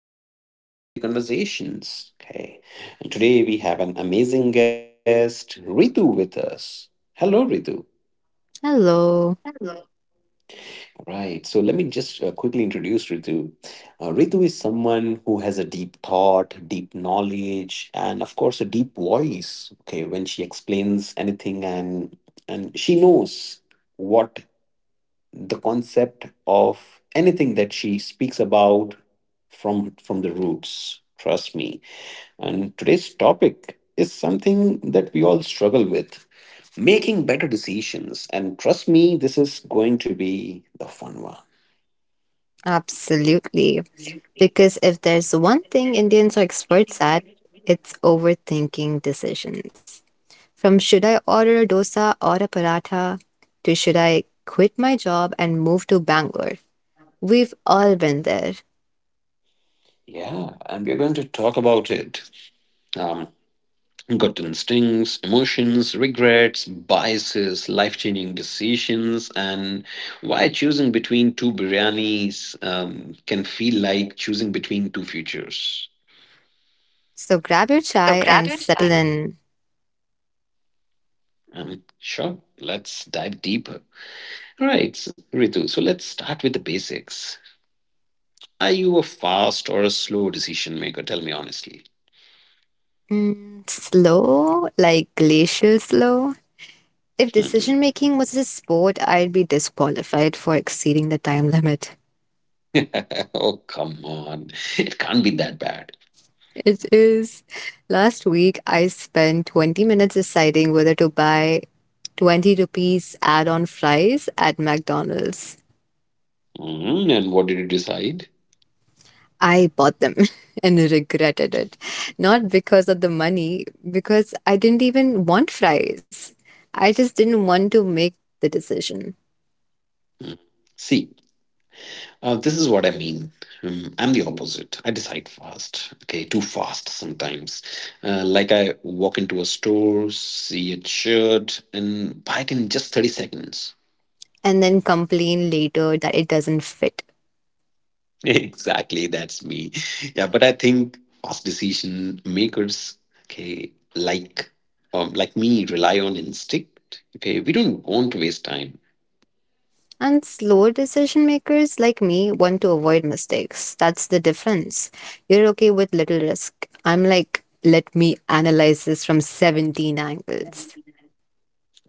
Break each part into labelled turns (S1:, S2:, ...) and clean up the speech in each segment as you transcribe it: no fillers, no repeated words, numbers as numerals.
S1: of Everyday Conversations. Okay, and today we have an amazing guest, Ritu, with us. Hello, Ritu.
S2: Hello.
S1: Right. So let me just quickly introduce Ritu. Ritu is someone who has a deep thought, deep knowledge, and of course, a deep voice. Okay, when she explains anything, and she knows what the concept of anything that she speaks about from the roots. Trust me, and today's topic is something that we all struggle with, making better decisions. And trust me, this is going to be the fun one.
S2: Absolutely. Because if there's one thing Indians are experts at, it's overthinking decisions. From should I order a dosa or a paratha to should I quit my job and move to Bangalore? We've all been there.
S1: Yeah, and we're going to talk about it. Um, gut instincts, emotions, regrets, biases, life changing decisions, and why choosing between two biryanis can feel like choosing between two futures.
S2: So grab your chai and settle in.
S1: Sure, let's dive deeper. All right, Ritu, so let's start with the basics. Are you a fast or a slow decision maker? Tell me honestly.
S2: Slow, like glacial slow. If decision
S1: Oh,
S2: making was a sport, I'd be disqualified for exceeding the time limit.
S1: come on. It can't be that bad.
S2: It is. Last week, I spent 20 minutes deciding whether to buy 20 rupees add on fries at McDonald's.
S1: And what did you decide?
S2: I bought them and regretted it. Not because of the money, because I didn't even want fries. I just didn't want to make the decision
S1: Mm. See, this is what I mean. I'm the opposite. I decide fast. Okay, too fast sometimes. Like I walk into a store, see a shirt, and buy it in just 30 seconds.
S2: and then complain later that it doesn't fit.
S1: Exactly, that's me. Yeah, but I think fast decision makers, okay, like me, rely on instinct. Okay, we don't want to waste time.
S2: And slower decision makers like me want to avoid mistakes. That's the difference. You're okay with little risk. I'm like, let me analyze this from 17 angles.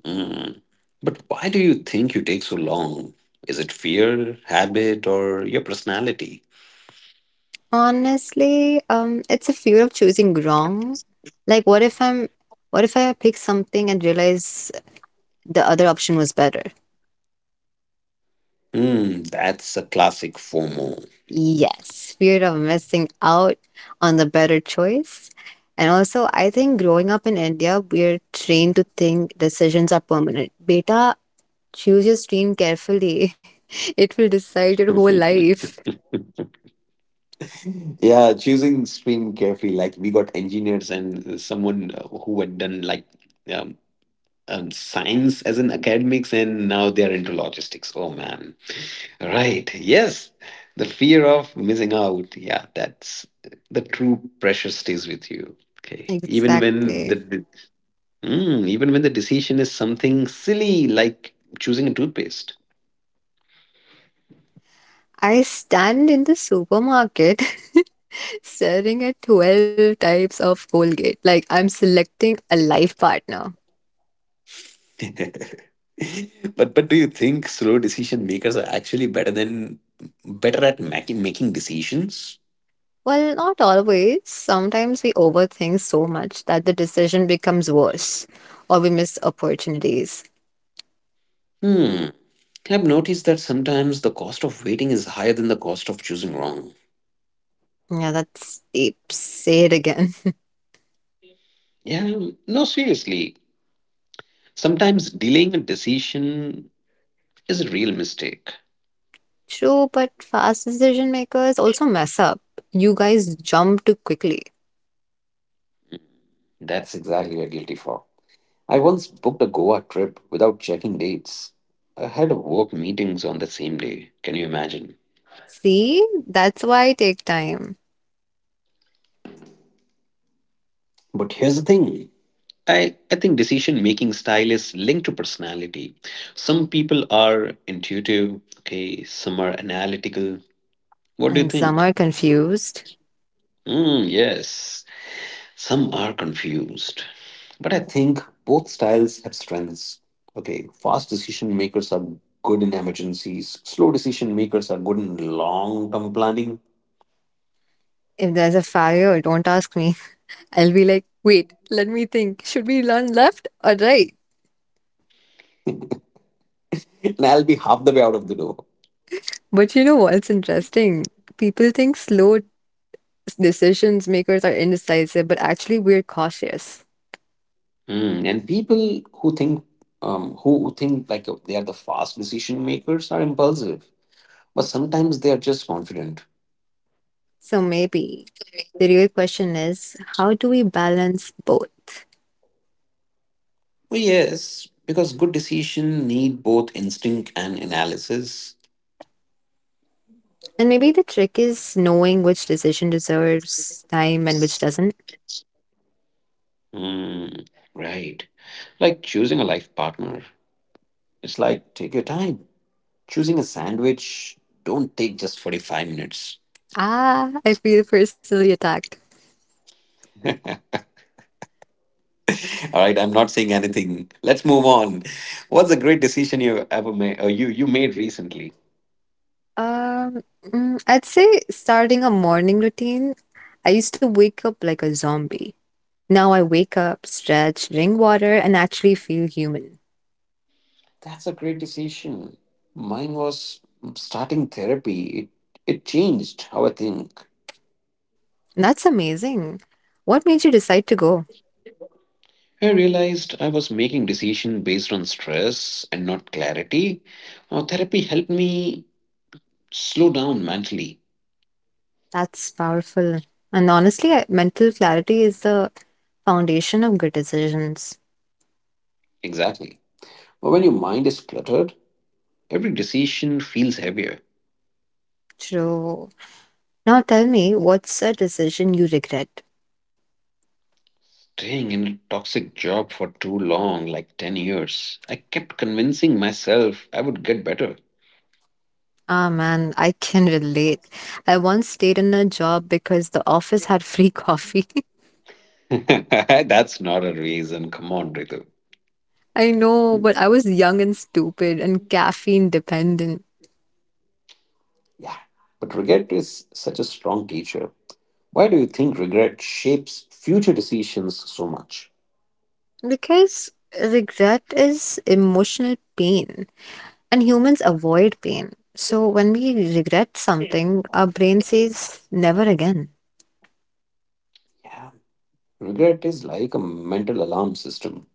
S1: Mm. But why do you think you take so long? Is it fear, habit, or your personality?
S2: Honestly, it's a fear of choosing wrong. Like, what if I pick something and realize the other option was better?
S1: That's a classic FOMO.
S2: Yes, fear of missing out on the better choice. And also, I think growing up in India, we're trained to think decisions are permanent. Beta, choose your stream carefully. It will decide your whole life.
S1: Yeah, choosing stream carefully. Like we got engineers and someone who had done like um, science as an academics, and now they are into logistics. Oh man, right? Yes, the fear of missing out. Yeah, that's the true pressure stays with you. Okay, even when the
S2: Exactly.
S1: decision is something silly like choosing a toothpaste.
S2: I stand in the supermarket staring at 12 types of Colgate. Like I'm selecting a life partner.
S1: But do you think slow decision makers are actually better at making decisions?
S2: Well, not always. Sometimes we overthink so much that the decision becomes worse or we miss opportunities.
S1: Hmm. I've noticed that sometimes the cost of waiting is higher than the cost of choosing wrong.
S2: Yeah, that's deep. Say it again.
S1: Yeah, no, seriously. Sometimes delaying a decision is a real mistake.
S2: True, but fast decision makers also mess up. You guys jump too quickly.
S1: That's exactly what I'm guilty for. I once booked a Goa trip without checking dates. I had work meetings on the same day. Can you imagine?
S2: See, that's why I take time.
S1: But here's the thing, I think decision making style is linked to personality. Some people are intuitive, okay, some are analytical. What do
S2: And
S1: you
S2: some are
S1: think?
S2: confused.
S1: Mm, yes, some are confused. But I think both styles have strengths. Okay, fast decision makers are good in emergencies, slow decision makers are good in long term planning.
S2: If there's a fire, don't ask me. I'll be like, wait, let me think. Should we run left or right?
S1: And I'll be half the way out of the door.
S2: But you know what's interesting? People think slow decisions makers are indecisive, but actually we're cautious.
S1: And people who think who think like they are the fast decision makers are impulsive, but sometimes they are just confident.
S2: So maybe the real question is how do we balance both?
S1: Well, yes, because good decision need both instinct and analysis.
S2: And maybe the trick is knowing which decision deserves time and which doesn't.
S1: Hmm, right. Like choosing a life partner. It's like take your time. Choosing a sandwich, don't take just 45 minutes.
S2: Ah, I feel personally attacked.
S1: All right, I'm not saying anything. Let's move on. What's a great decision you ever made or you made recently?
S2: I'd say starting a morning routine. I used to wake up like a zombie. Now I wake up, stretch, drink water, and actually feel human.
S1: That's a great decision. Mine was starting therapy. It changed how I think.
S2: That's amazing. What made you decide to go?
S1: I realized I was making decisions based on stress and not clarity. Therapy helped me slow down mentally.
S2: That's powerful. And honestly, mental clarity is the foundation of good decisions.
S1: Exactly. But when your mind is cluttered, every decision feels heavier.
S2: True. Now tell me, what's a decision you regret?
S1: Staying in a toxic job for too long, like 10 years, I kept convincing myself I would get better.
S2: Ah, man, I can relate. I once stayed in a job because the office had free coffee.
S1: That's not a reason. Come on, Ritu.
S2: I know, but I was young and stupid and caffeine dependent.
S1: Yeah. But regret is such a strong teacher. Why do you think regret shapes future decisions so much?
S2: Because regret is emotional pain, and humans avoid pain. So when we regret something, our brain says never again.
S1: Yeah. Regret is like a mental alarm system.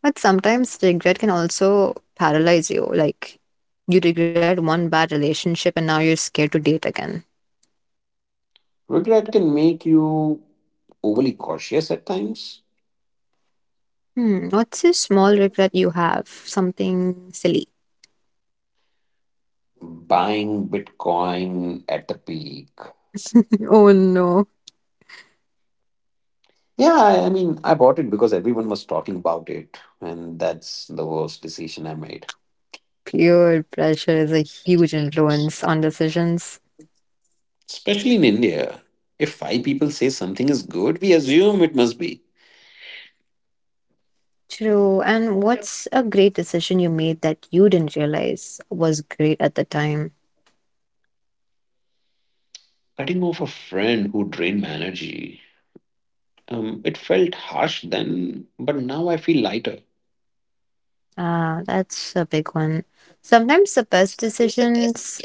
S2: But sometimes regret can also paralyze you. Like, you regret one bad relationship and now you're scared to date again.
S1: Regret can make you overly cautious at times.
S2: Hmm, what's a small regret you have? Something silly.
S1: Buying Bitcoin at the peak.
S2: Oh no.
S1: Yeah, I mean, I bought it because everyone was talking about it, and that's the worst decision I made.
S2: Peer pressure is a huge influence on decisions.
S1: Especially in India. If five people say something is good, we assume it must be.
S2: True. And what's a great decision you made that you didn't realize was great at the time?
S1: Cutting off a friend who drained my energy. It felt harsh then, but now I feel lighter.
S2: Ah, that's a big one. Sometimes the best decisions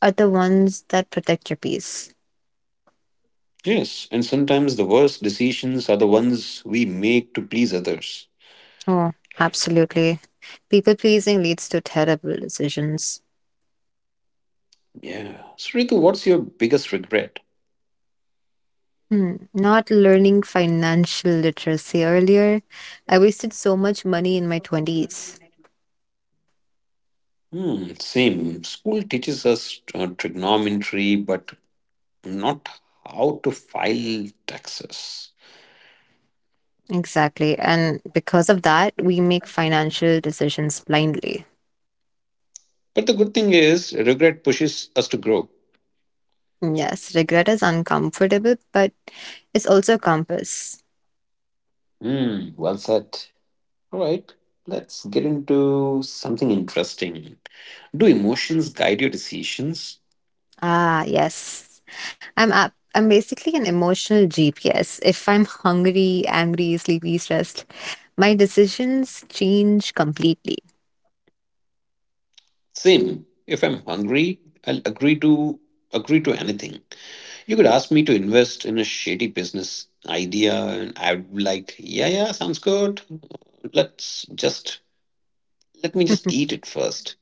S2: are the ones that protect your peace.
S1: Yes, and sometimes the worst decisions are the ones we make to please others.
S2: Oh, absolutely. People pleasing leads to terrible decisions.
S1: Yeah. So, Ritu, what's your biggest regret?
S2: Hmm. Not learning financial literacy earlier. I wasted so much money in my 20s.
S1: Hmm, same. School teaches us trigonometry, but not how to file taxes.
S2: Exactly. And because of that, we make financial decisions blindly.
S1: But the good thing is, regret pushes us to grow.
S2: Yes, regret is uncomfortable, but it's also a compass.
S1: Hmm, well said. All right, let's get into something interesting. Do emotions guide your decisions?
S2: Ah, yes. I'm up. I'm basically an emotional GPS. If I'm hungry, angry, sleepy, stressed, my decisions change completely.
S1: Same. If I'm hungry, I'll agree to anything. You could ask me to invest in a shady business idea, and I'd be like, yeah, yeah, sounds good. Let's just let me just eat it first.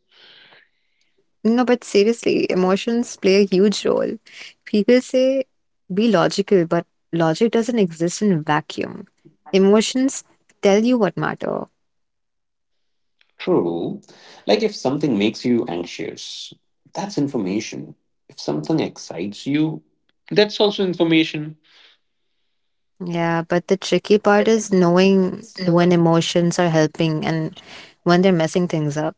S2: No, but seriously, emotions play a huge role. People say be logical, but logic doesn't exist in a vacuum. Emotions tell you what matter.
S1: True. Like if something makes you anxious, that's information. If something excites you, that's also information.
S2: Yeah, but the tricky part is knowing when emotions are helping and when they're messing things up.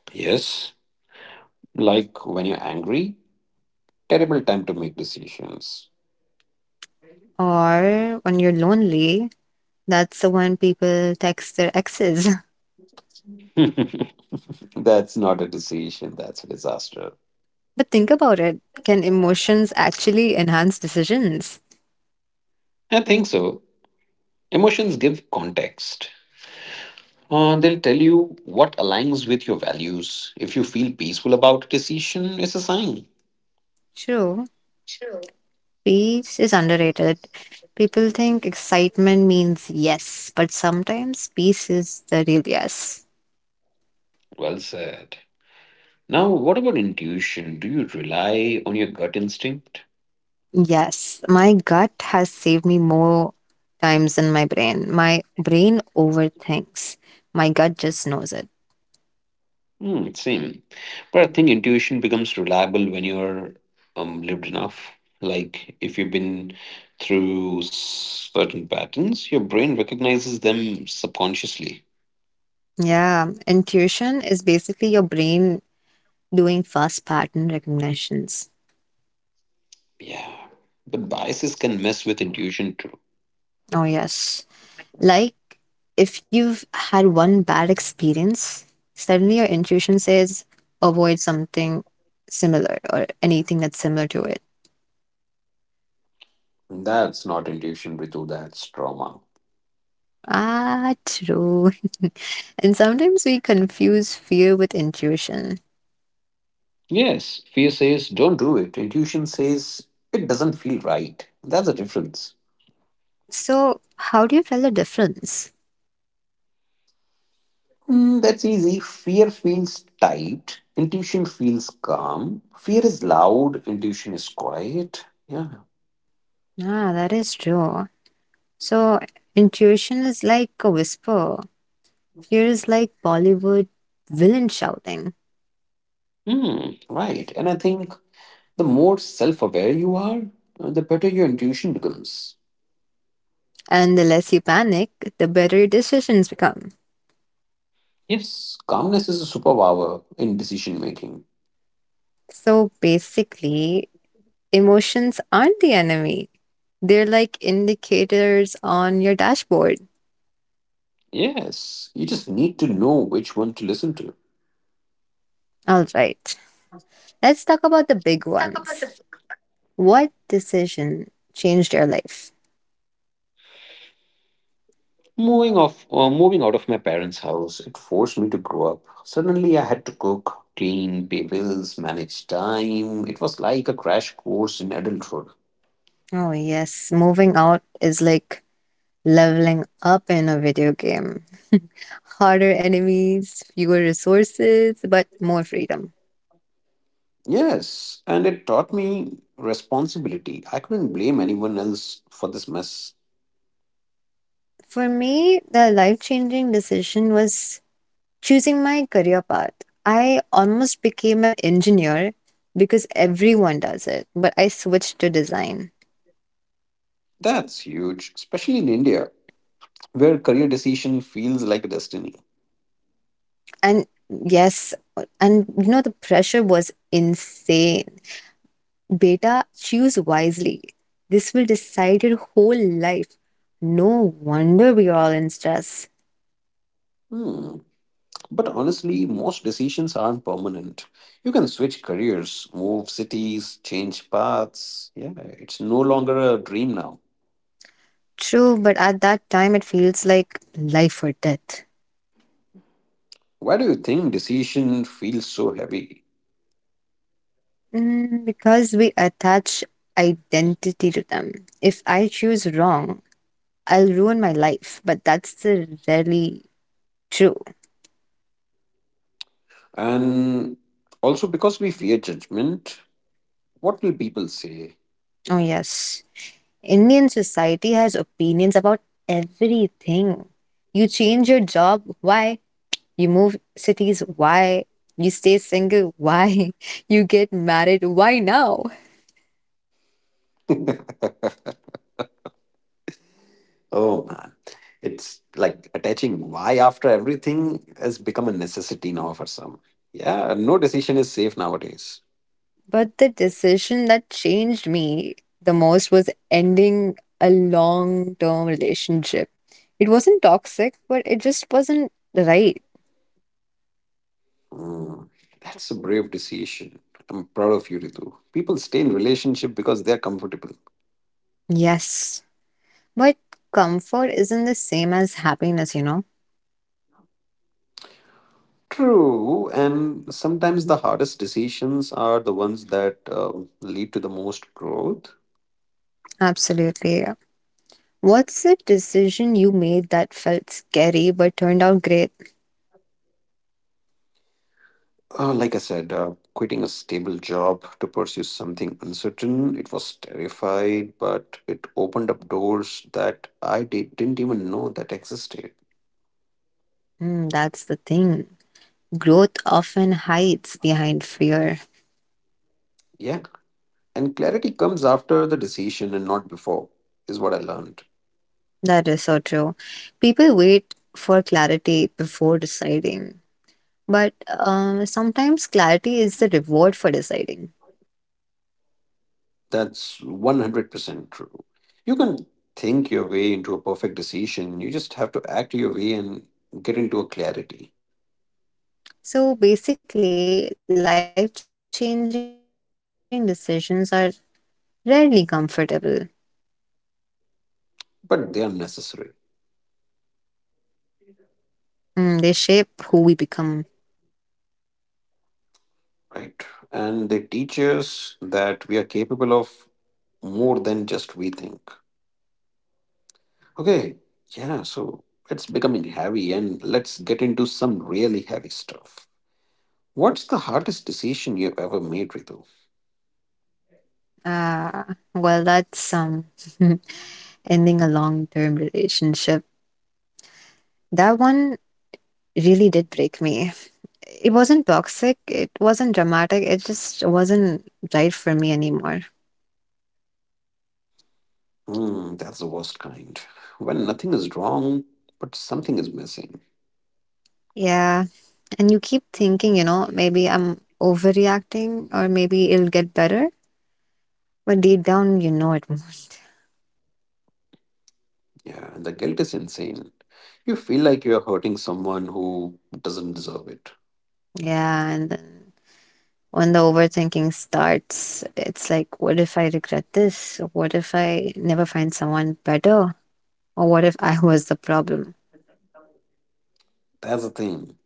S1: Yes. Like when you're angry, terrible time to make decisions.
S2: Or when you're lonely, that's the one people text their exes.
S1: That's not a decision, that's a disaster.
S2: But think about it. Can emotions actually enhance decisions?
S1: I think so. Emotions give context. They'll tell you what aligns with your values. If you feel peaceful about a decision, it's a sign.
S2: True. Peace is underrated. People think excitement means yes, but sometimes peace is the real yes.
S1: Well said. Now, what about intuition? Do you rely on your gut instinct?
S2: Yes, my gut has saved me more times than my brain. My brain overthinks. My gut just knows it.
S1: Hmm, same. But I think intuition becomes reliable when you're lived enough. Like if you've been through certain patterns, your brain recognizes them subconsciously.
S2: Yeah, intuition is basically your brain doing fast pattern recognitions.
S1: Yeah. But biases can mess with intuition too.
S2: Oh, yes. Like if you've had one bad experience, suddenly your intuition says avoid something similar or anything that's similar to it.
S1: That's not intuition, Ritu, that's trauma.
S2: Ah, true. And sometimes we confuse fear with intuition.
S1: Yes, fear says don't do it. Intuition says it doesn't feel right. That's the difference.
S2: So, how do you tell the difference?
S1: That's easy. Fear feels tight. Intuition feels calm. Fear is loud. Intuition is quiet. Yeah.
S2: Ah, that is true. So, intuition is like a whisper, fear is like Bollywood villain shouting.
S1: Hmm. Right. And I think the more self aware you are, the better your intuition becomes.
S2: And the less you panic, the better your decisions become.
S1: Yes, calmness is a superpower in decision making.
S2: So, basically, emotions aren't the enemy, they're like indicators on your dashboard.
S1: Yes, you just need to know which one to listen to.
S2: All right, let's talk about the big ones. What decision changed your life?
S1: Moving out of my parents' house, it forced me to grow up. Suddenly, I had to cook, clean, pay bills, manage time. It was like a crash course in adulthood.
S2: Oh, yes, moving out is like leveling up in a video game. Harder enemies, fewer resources, but more freedom.
S1: Yes, and it taught me responsibility. I couldn't blame anyone else for this mess.
S2: For me, the life changing decision was choosing my career path. I almost became an engineer because everyone does it, but I switched to design.
S1: That's huge, especially in India, where career decision feels like a destiny.
S2: And yes, and you know, the pressure was insane. Beta, choose wisely. This will decide your whole life. No wonder we are all in stress.
S1: Hmm. But honestly, most decisions aren't permanent. You can switch careers, move cities, change paths. Yeah, it's no longer a dream now.
S2: True, but at that time it feels like life or death.
S1: Why do you think decision feels so heavy?
S2: Because we attach identity to them. If I choose wrong, I'll ruin my life, but that's the rarely true.
S1: And also because we fear judgment, what will people say?
S2: Oh, yes. Indian society has opinions about everything. You change your job, why? You move cities, why? You stay single, why? You get married, why now?
S1: Oh man, it's like attaching why after everything has become a necessity now for some. Yeah, no decision is safe nowadays.
S2: But the decision that changed me the most was ending a long term relationship. It wasn't toxic, but it just wasn't right.
S1: Mm, that's a brave decision. I'm proud of you, Ritu. People stay in relationship because they're comfortable.
S2: Yes. But comfort isn't the same as happiness, you know?
S1: True, and sometimes the hardest decisions are the ones that lead to the most growth.
S2: Absolutely, yeah. What's the decision you made that felt scary but turned out great?
S1: Like I said, quitting a stable job to pursue something uncertain, it was terrified, but it opened up doors that I didn't even know that existed.
S2: Hmm, that's the thing. Growth often hides behind fear.
S1: Yeah, and clarity comes after the decision and not before, is what I learned.
S2: That is so true. People wait for clarity before deciding. But sometimes clarity is the reward for deciding.
S1: That's 100% true. You can think your way into a perfect decision, you just have to act your way and get into a clarity.
S2: So basically, life changing decisions are rarely comfortable.
S1: But they are necessary,
S2: They shape who we become.
S1: right? And they teach us that we are capable of more than just we think. Okay, yeah, so it's becoming heavy, and let's get into some really heavy stuff. What's the hardest decision you've ever made, Ritu?
S2: Uh, well, that's ending a long term relationship. That one really did break me. It wasn't toxic, it wasn't dramatic, it just wasn't right for me anymore.
S1: Hmm, that's the worst kind. When nothing is wrong, but something is missing.
S2: Yeah. And you keep thinking, you know, maybe I'm overreacting or maybe it'll get better. But deep down, you know it.
S1: Yeah, and the guilt is insane. You feel like you're hurting someone who doesn't deserve it.
S2: Yeah. And then when the overthinking starts, it's like, what if I regret this? What if I never find someone better? Or what if I was the problem?
S1: That's the thing.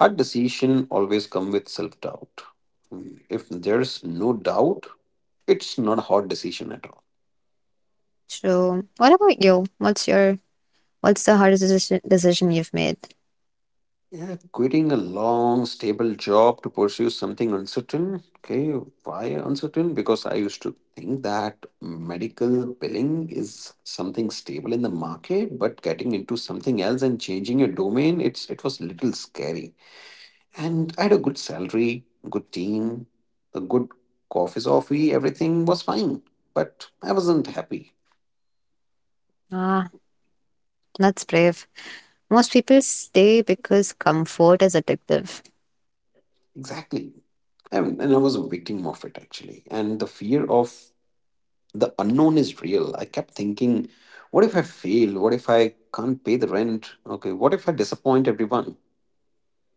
S1: Hard decision always come with self-doubt. Hmm, if there's no doubt, it's not a hard decision at all.
S2: So, what about you? What's the hardest decision you've made?
S1: Yeah, quitting a long, stable job to pursue something uncertain. Okay, why uncertain? Because I used to think that medical billing is something stable in the market, but getting into something else and changing your domain, it was little scary. And I had a good salary, good team, a good coffee, everything was fine. But I wasn't happy.
S2: Ah, that's brave. Most people stay because comfort is addictive.
S1: Exactly. I mean, and I was a victim of it actually. And the fear of the unknown is real. I kept thinking, what if I fail? What if I can't pay the rent? Okay, what if I disappoint everyone?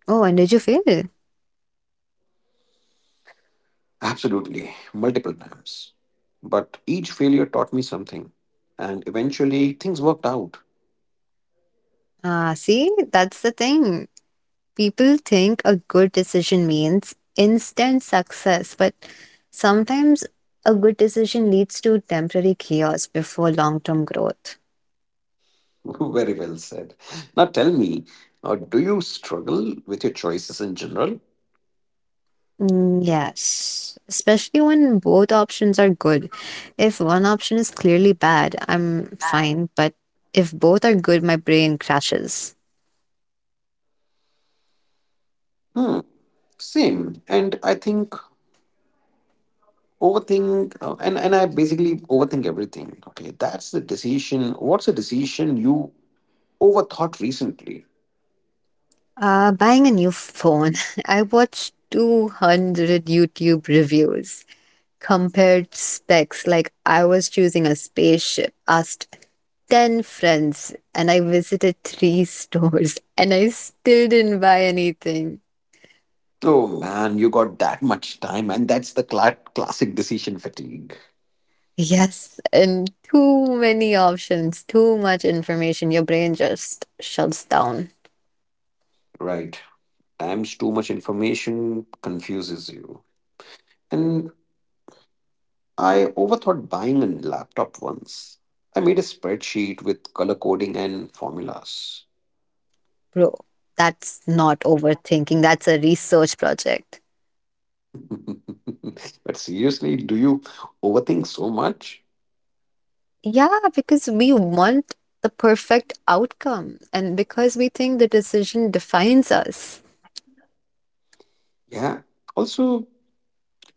S2: Oh, and did you fail?
S1: Absolutely, multiple times. But each failure taught me something. And eventually, things worked out.
S2: Ah, see, that's the thing. People think a good decision means instant success, but sometimes a good decision leads to temporary chaos before long term growth.
S1: Very well said. Now tell me, do you struggle with your choices in general?
S2: Yes, especially when both options are good. If one option is clearly bad, I'm fine, but if both are good, my brain crashes.
S1: Hmm, same. And I think and I basically overthink everything. Okay, that's the decision. What's a decision you overthought recently?
S2: Buying a new phone, I watched 200 YouTube reviews, compared specs like I was choosing a spaceship, asked 10 friends, and I visited three stores, and I still didn't buy anything.
S1: Oh man, you got that much time, and that's the classic decision fatigue.
S2: Yes, and too many options, too much information. Your brain just shuts down.
S1: Right. Times too much information confuses you. And. I overthought buying a laptop once. I made a spreadsheet with color coding and formulas.
S2: Bro, that's not overthinking, that's a research project.
S1: But seriously, do you overthink so much?
S2: Yeah, because we want the perfect outcome, and because we think the decision defines us.
S1: Yeah. Also,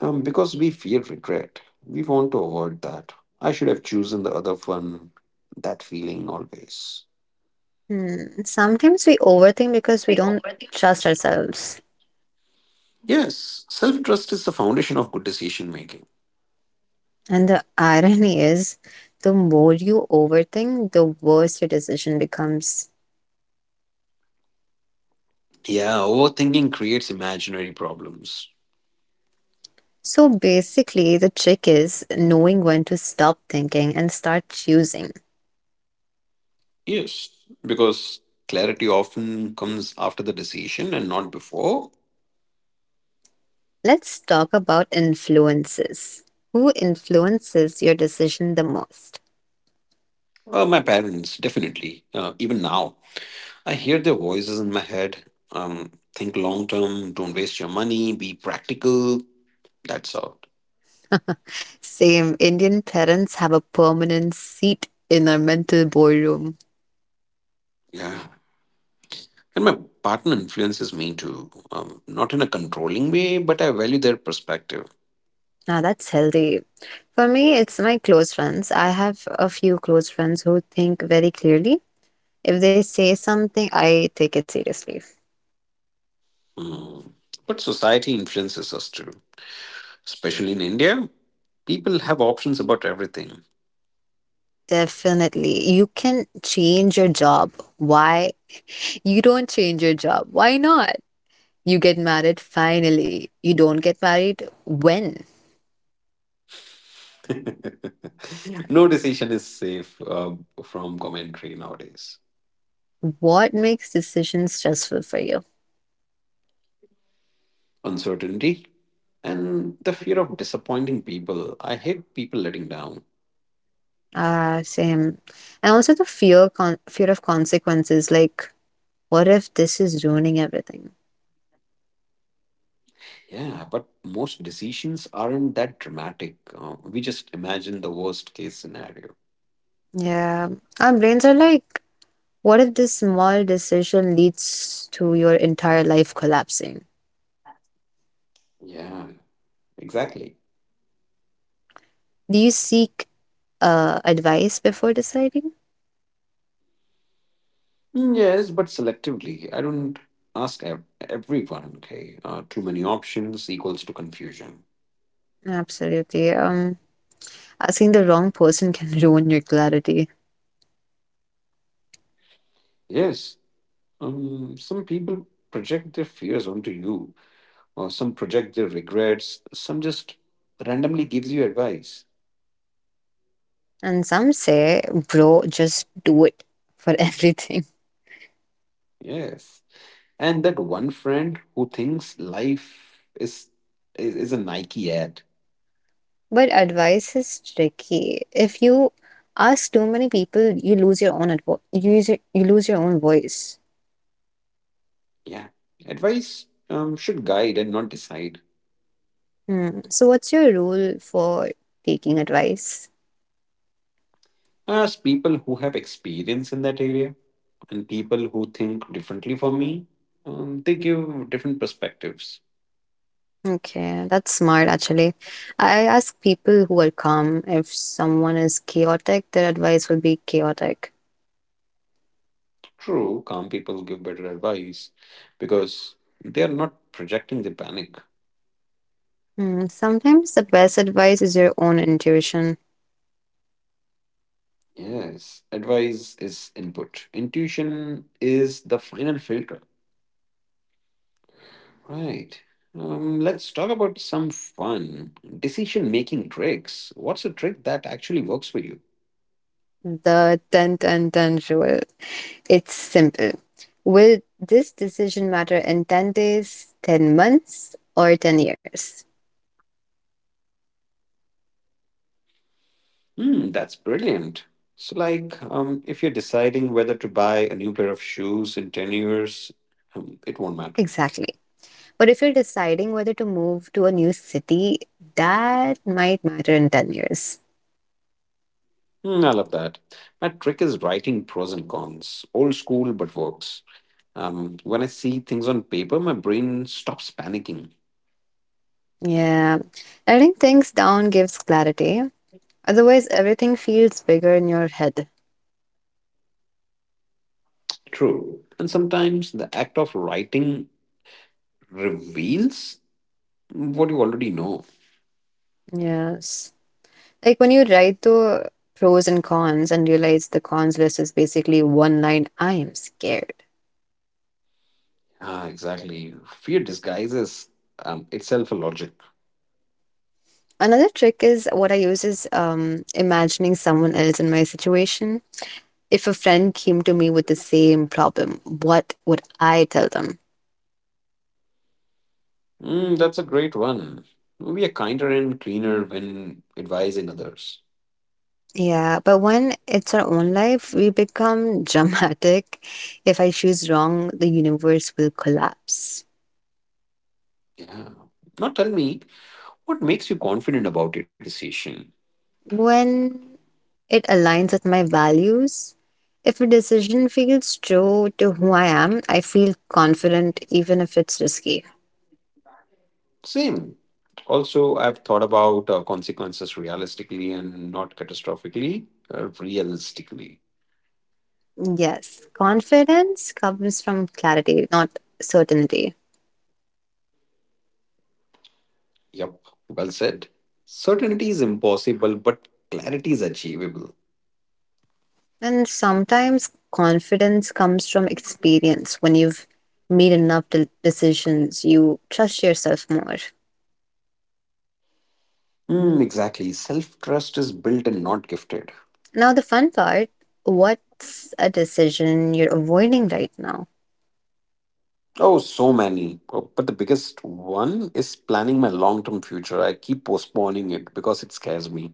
S1: because we fear regret, we want to avoid that. I should have chosen the other one, that feeling always.
S2: Hmm. Sometimes we overthink because we don't trust ourselves.
S1: Yes, self trust is the foundation of good decision making.
S2: And the irony is, the more you overthink, the worse your decision becomes.
S1: Yeah, overthinking creates imaginary problems.
S2: So basically, the trick is knowing when to stop thinking and start choosing.
S1: Yes, because clarity often comes after the decision and not before.
S2: Let's talk about influences. Who influences your decision the most?
S1: My parents, definitely. Even now, I hear their voices in my head. Think long term, don't waste your money, be practical. That sort.
S2: Same, Indian parents have a permanent seat in our mental boardroom.
S1: Yeah. And my partner influences me too. Not in a controlling way, but I value their perspective.
S2: Now that's healthy. For me, it's my close friends. I have a few close friends who think very clearly. If they say something, I take it seriously.
S1: Mm. But society influences us too. Especially in India, people have options about everything.
S2: Definitely. You can change your job. Why? You don't change your job. Why not? You get married finally. You don't get married when?
S1: No decision is safe from commentary nowadays.
S2: What makes decisions stressful for you?
S1: Uncertainty and the fear of disappointing people. I hate people letting down.
S2: Ah, same. And also the fear of consequences like, what if this is ruining everything?
S1: Yeah, but most decisions aren't that dramatic. We just imagine the worst case scenario.
S2: Yeah, our brains are like, what if this small decision leads to your entire life collapsing?
S1: Yeah, exactly.
S2: Do you seek advice before deciding?
S1: Mm, yes, but selectively. I don't ask everyone, okay? Too many options equals to confusion.
S2: Absolutely. Asking the wrong person can ruin your clarity.
S1: Yes, some people project their fears onto you, or some project their regrets, some just randomly gives you advice.
S2: And some say, bro, just do it for everything.
S1: Yes. And that one friend who thinks life is a Nike ad.
S2: But advice is tricky. If you ask too many people, you lose your own advo you you lose your own voice.
S1: Yeah. Advice should guide and not decide.
S2: Hmm. So what's your rule for taking advice?
S1: As people who have experience in that area and people who think differently from me, they give different perspectives.
S2: Okay, that's smart actually. I ask people who are calm if someone is chaotic, their advice will be chaotic.
S1: True, calm people give better advice because they are not projecting their panic.
S2: Hmm, sometimes the best advice is your own intuition,
S1: Yes, advice is input. Intuition is the final filter. Right. Let's talk about some fun decision making tricks. What's a trick that actually works for you?
S2: the 10-10-10 rule. It's simple. Will this decision matter in 10 days, 10 months, or 10 years?
S1: Hmm, that's brilliant. So, like, if you're deciding whether to buy a new pair of shoes, in 10 years, it won't matter.
S2: Exactly. But if you're deciding whether to move to a new city, that might matter in 10 years.
S1: Hmm, I love that. My trick is writing pros and cons. Old school, but works. When I see things on paper, my brain stops panicking.
S2: Yeah, writing things down gives clarity. Otherwise, everything feels bigger in your head.
S1: True. And sometimes the act of writing reveals what you already know.
S2: Yes. Like when you write the pros and cons and realize the cons list is basically one line, I am scared.
S1: Ah, exactly. Fear disguises itself a logic.
S2: Another trick is what I use is imagining someone else in my situation. If a friend came to me with the same problem, what would I tell them?
S1: Mm, that's a great one. We are kinder and cleaner when advising others.
S2: Yeah, but when it's our own life, we become dramatic. If I choose wrong, the universe will collapse.
S1: Yeah. Now tell me, what makes you confident about your decision?
S2: When it aligns with my values, if a decision feels true to who I am, I feel confident even if it's risky.
S1: Same. Also, I've thought about consequences realistically and not catastrophically, realistically.
S2: Yes, confidence comes from clarity, not certainty.
S1: Yep, well said. Certainty is impossible, but clarity is achievable.
S2: And sometimes confidence comes from experience when you've made enough decisions, you trust yourself more.
S1: Hmm, exactly. Self trust is built and not gifted.
S2: Now, the fun part, what's a decision you're avoiding right now?
S1: Oh, so many. Oh. But the biggest one is planning my long term future. I keep postponing it because it scares me.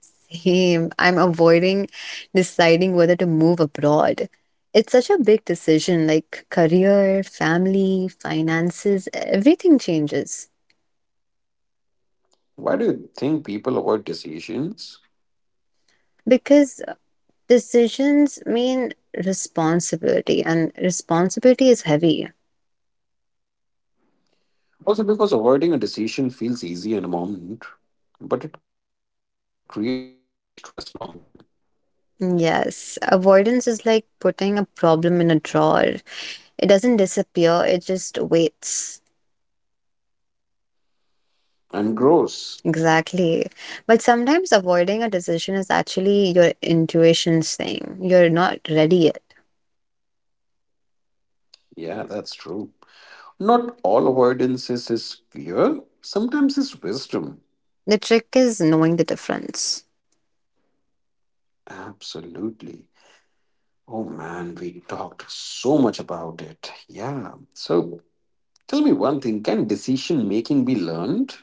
S2: Same. I'm avoiding deciding whether to move abroad. It's such a big decision like career, family, finances, everything changes
S1: Why do you think people avoid decisions?
S2: because decisions mean responsibility and responsibility is heavy.
S1: Also, because avoiding a decision feels easy in a moment, but it creates more stress long term
S2: Yes, avoidance is like putting a problem in a drawer. It doesn't disappear, it just waits.
S1: and grows.
S2: Exactly. But sometimes avoiding a decision is actually your intuition's thing. You're not ready yet.
S1: Yeah, that's true. Not all avoidances is fear, sometimes it's wisdom.
S2: The trick is knowing the difference.
S1: Absolutely. Oh man, we talked so much about it. Yeah. So tell me one thing, can decision making be learned?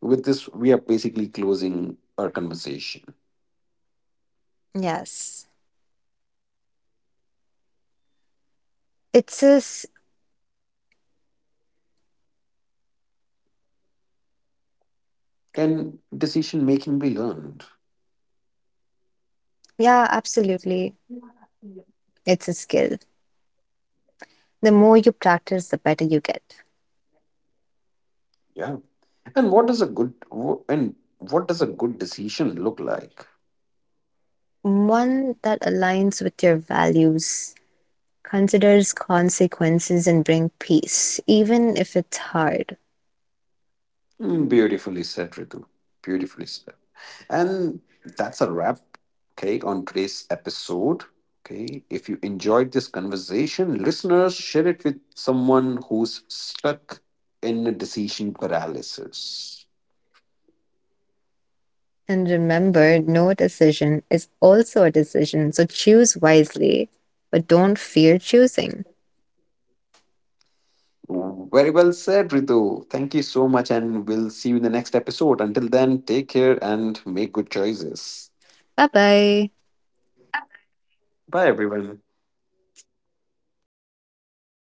S1: With this, we are basically closing our conversation.
S2: Yes. It's a, s-
S1: Can decision making be learned?
S2: yeah, absolutely. It's a skill. The more you practice, the better you get.
S1: Yeah. And what does a and what does a good decision look like?
S2: One that aligns with your values, considers consequences, and bring peace, even if it's hard.
S1: Mm, beautifully said, Ritu. Beautifully said. And that's a wrap, okay, on today's episode. Okay, if you enjoyed this conversation, listeners, share it with someone who's stuck in a decision paralysis.
S2: And remember, no decision is also a decision, so choose wisely, but don't fear choosing.
S1: Very well said, Ritu. Thank you so much, and we'll see you in the next episode. Until then, take care and make good choices.
S2: Bye bye.
S1: Bye, everyone.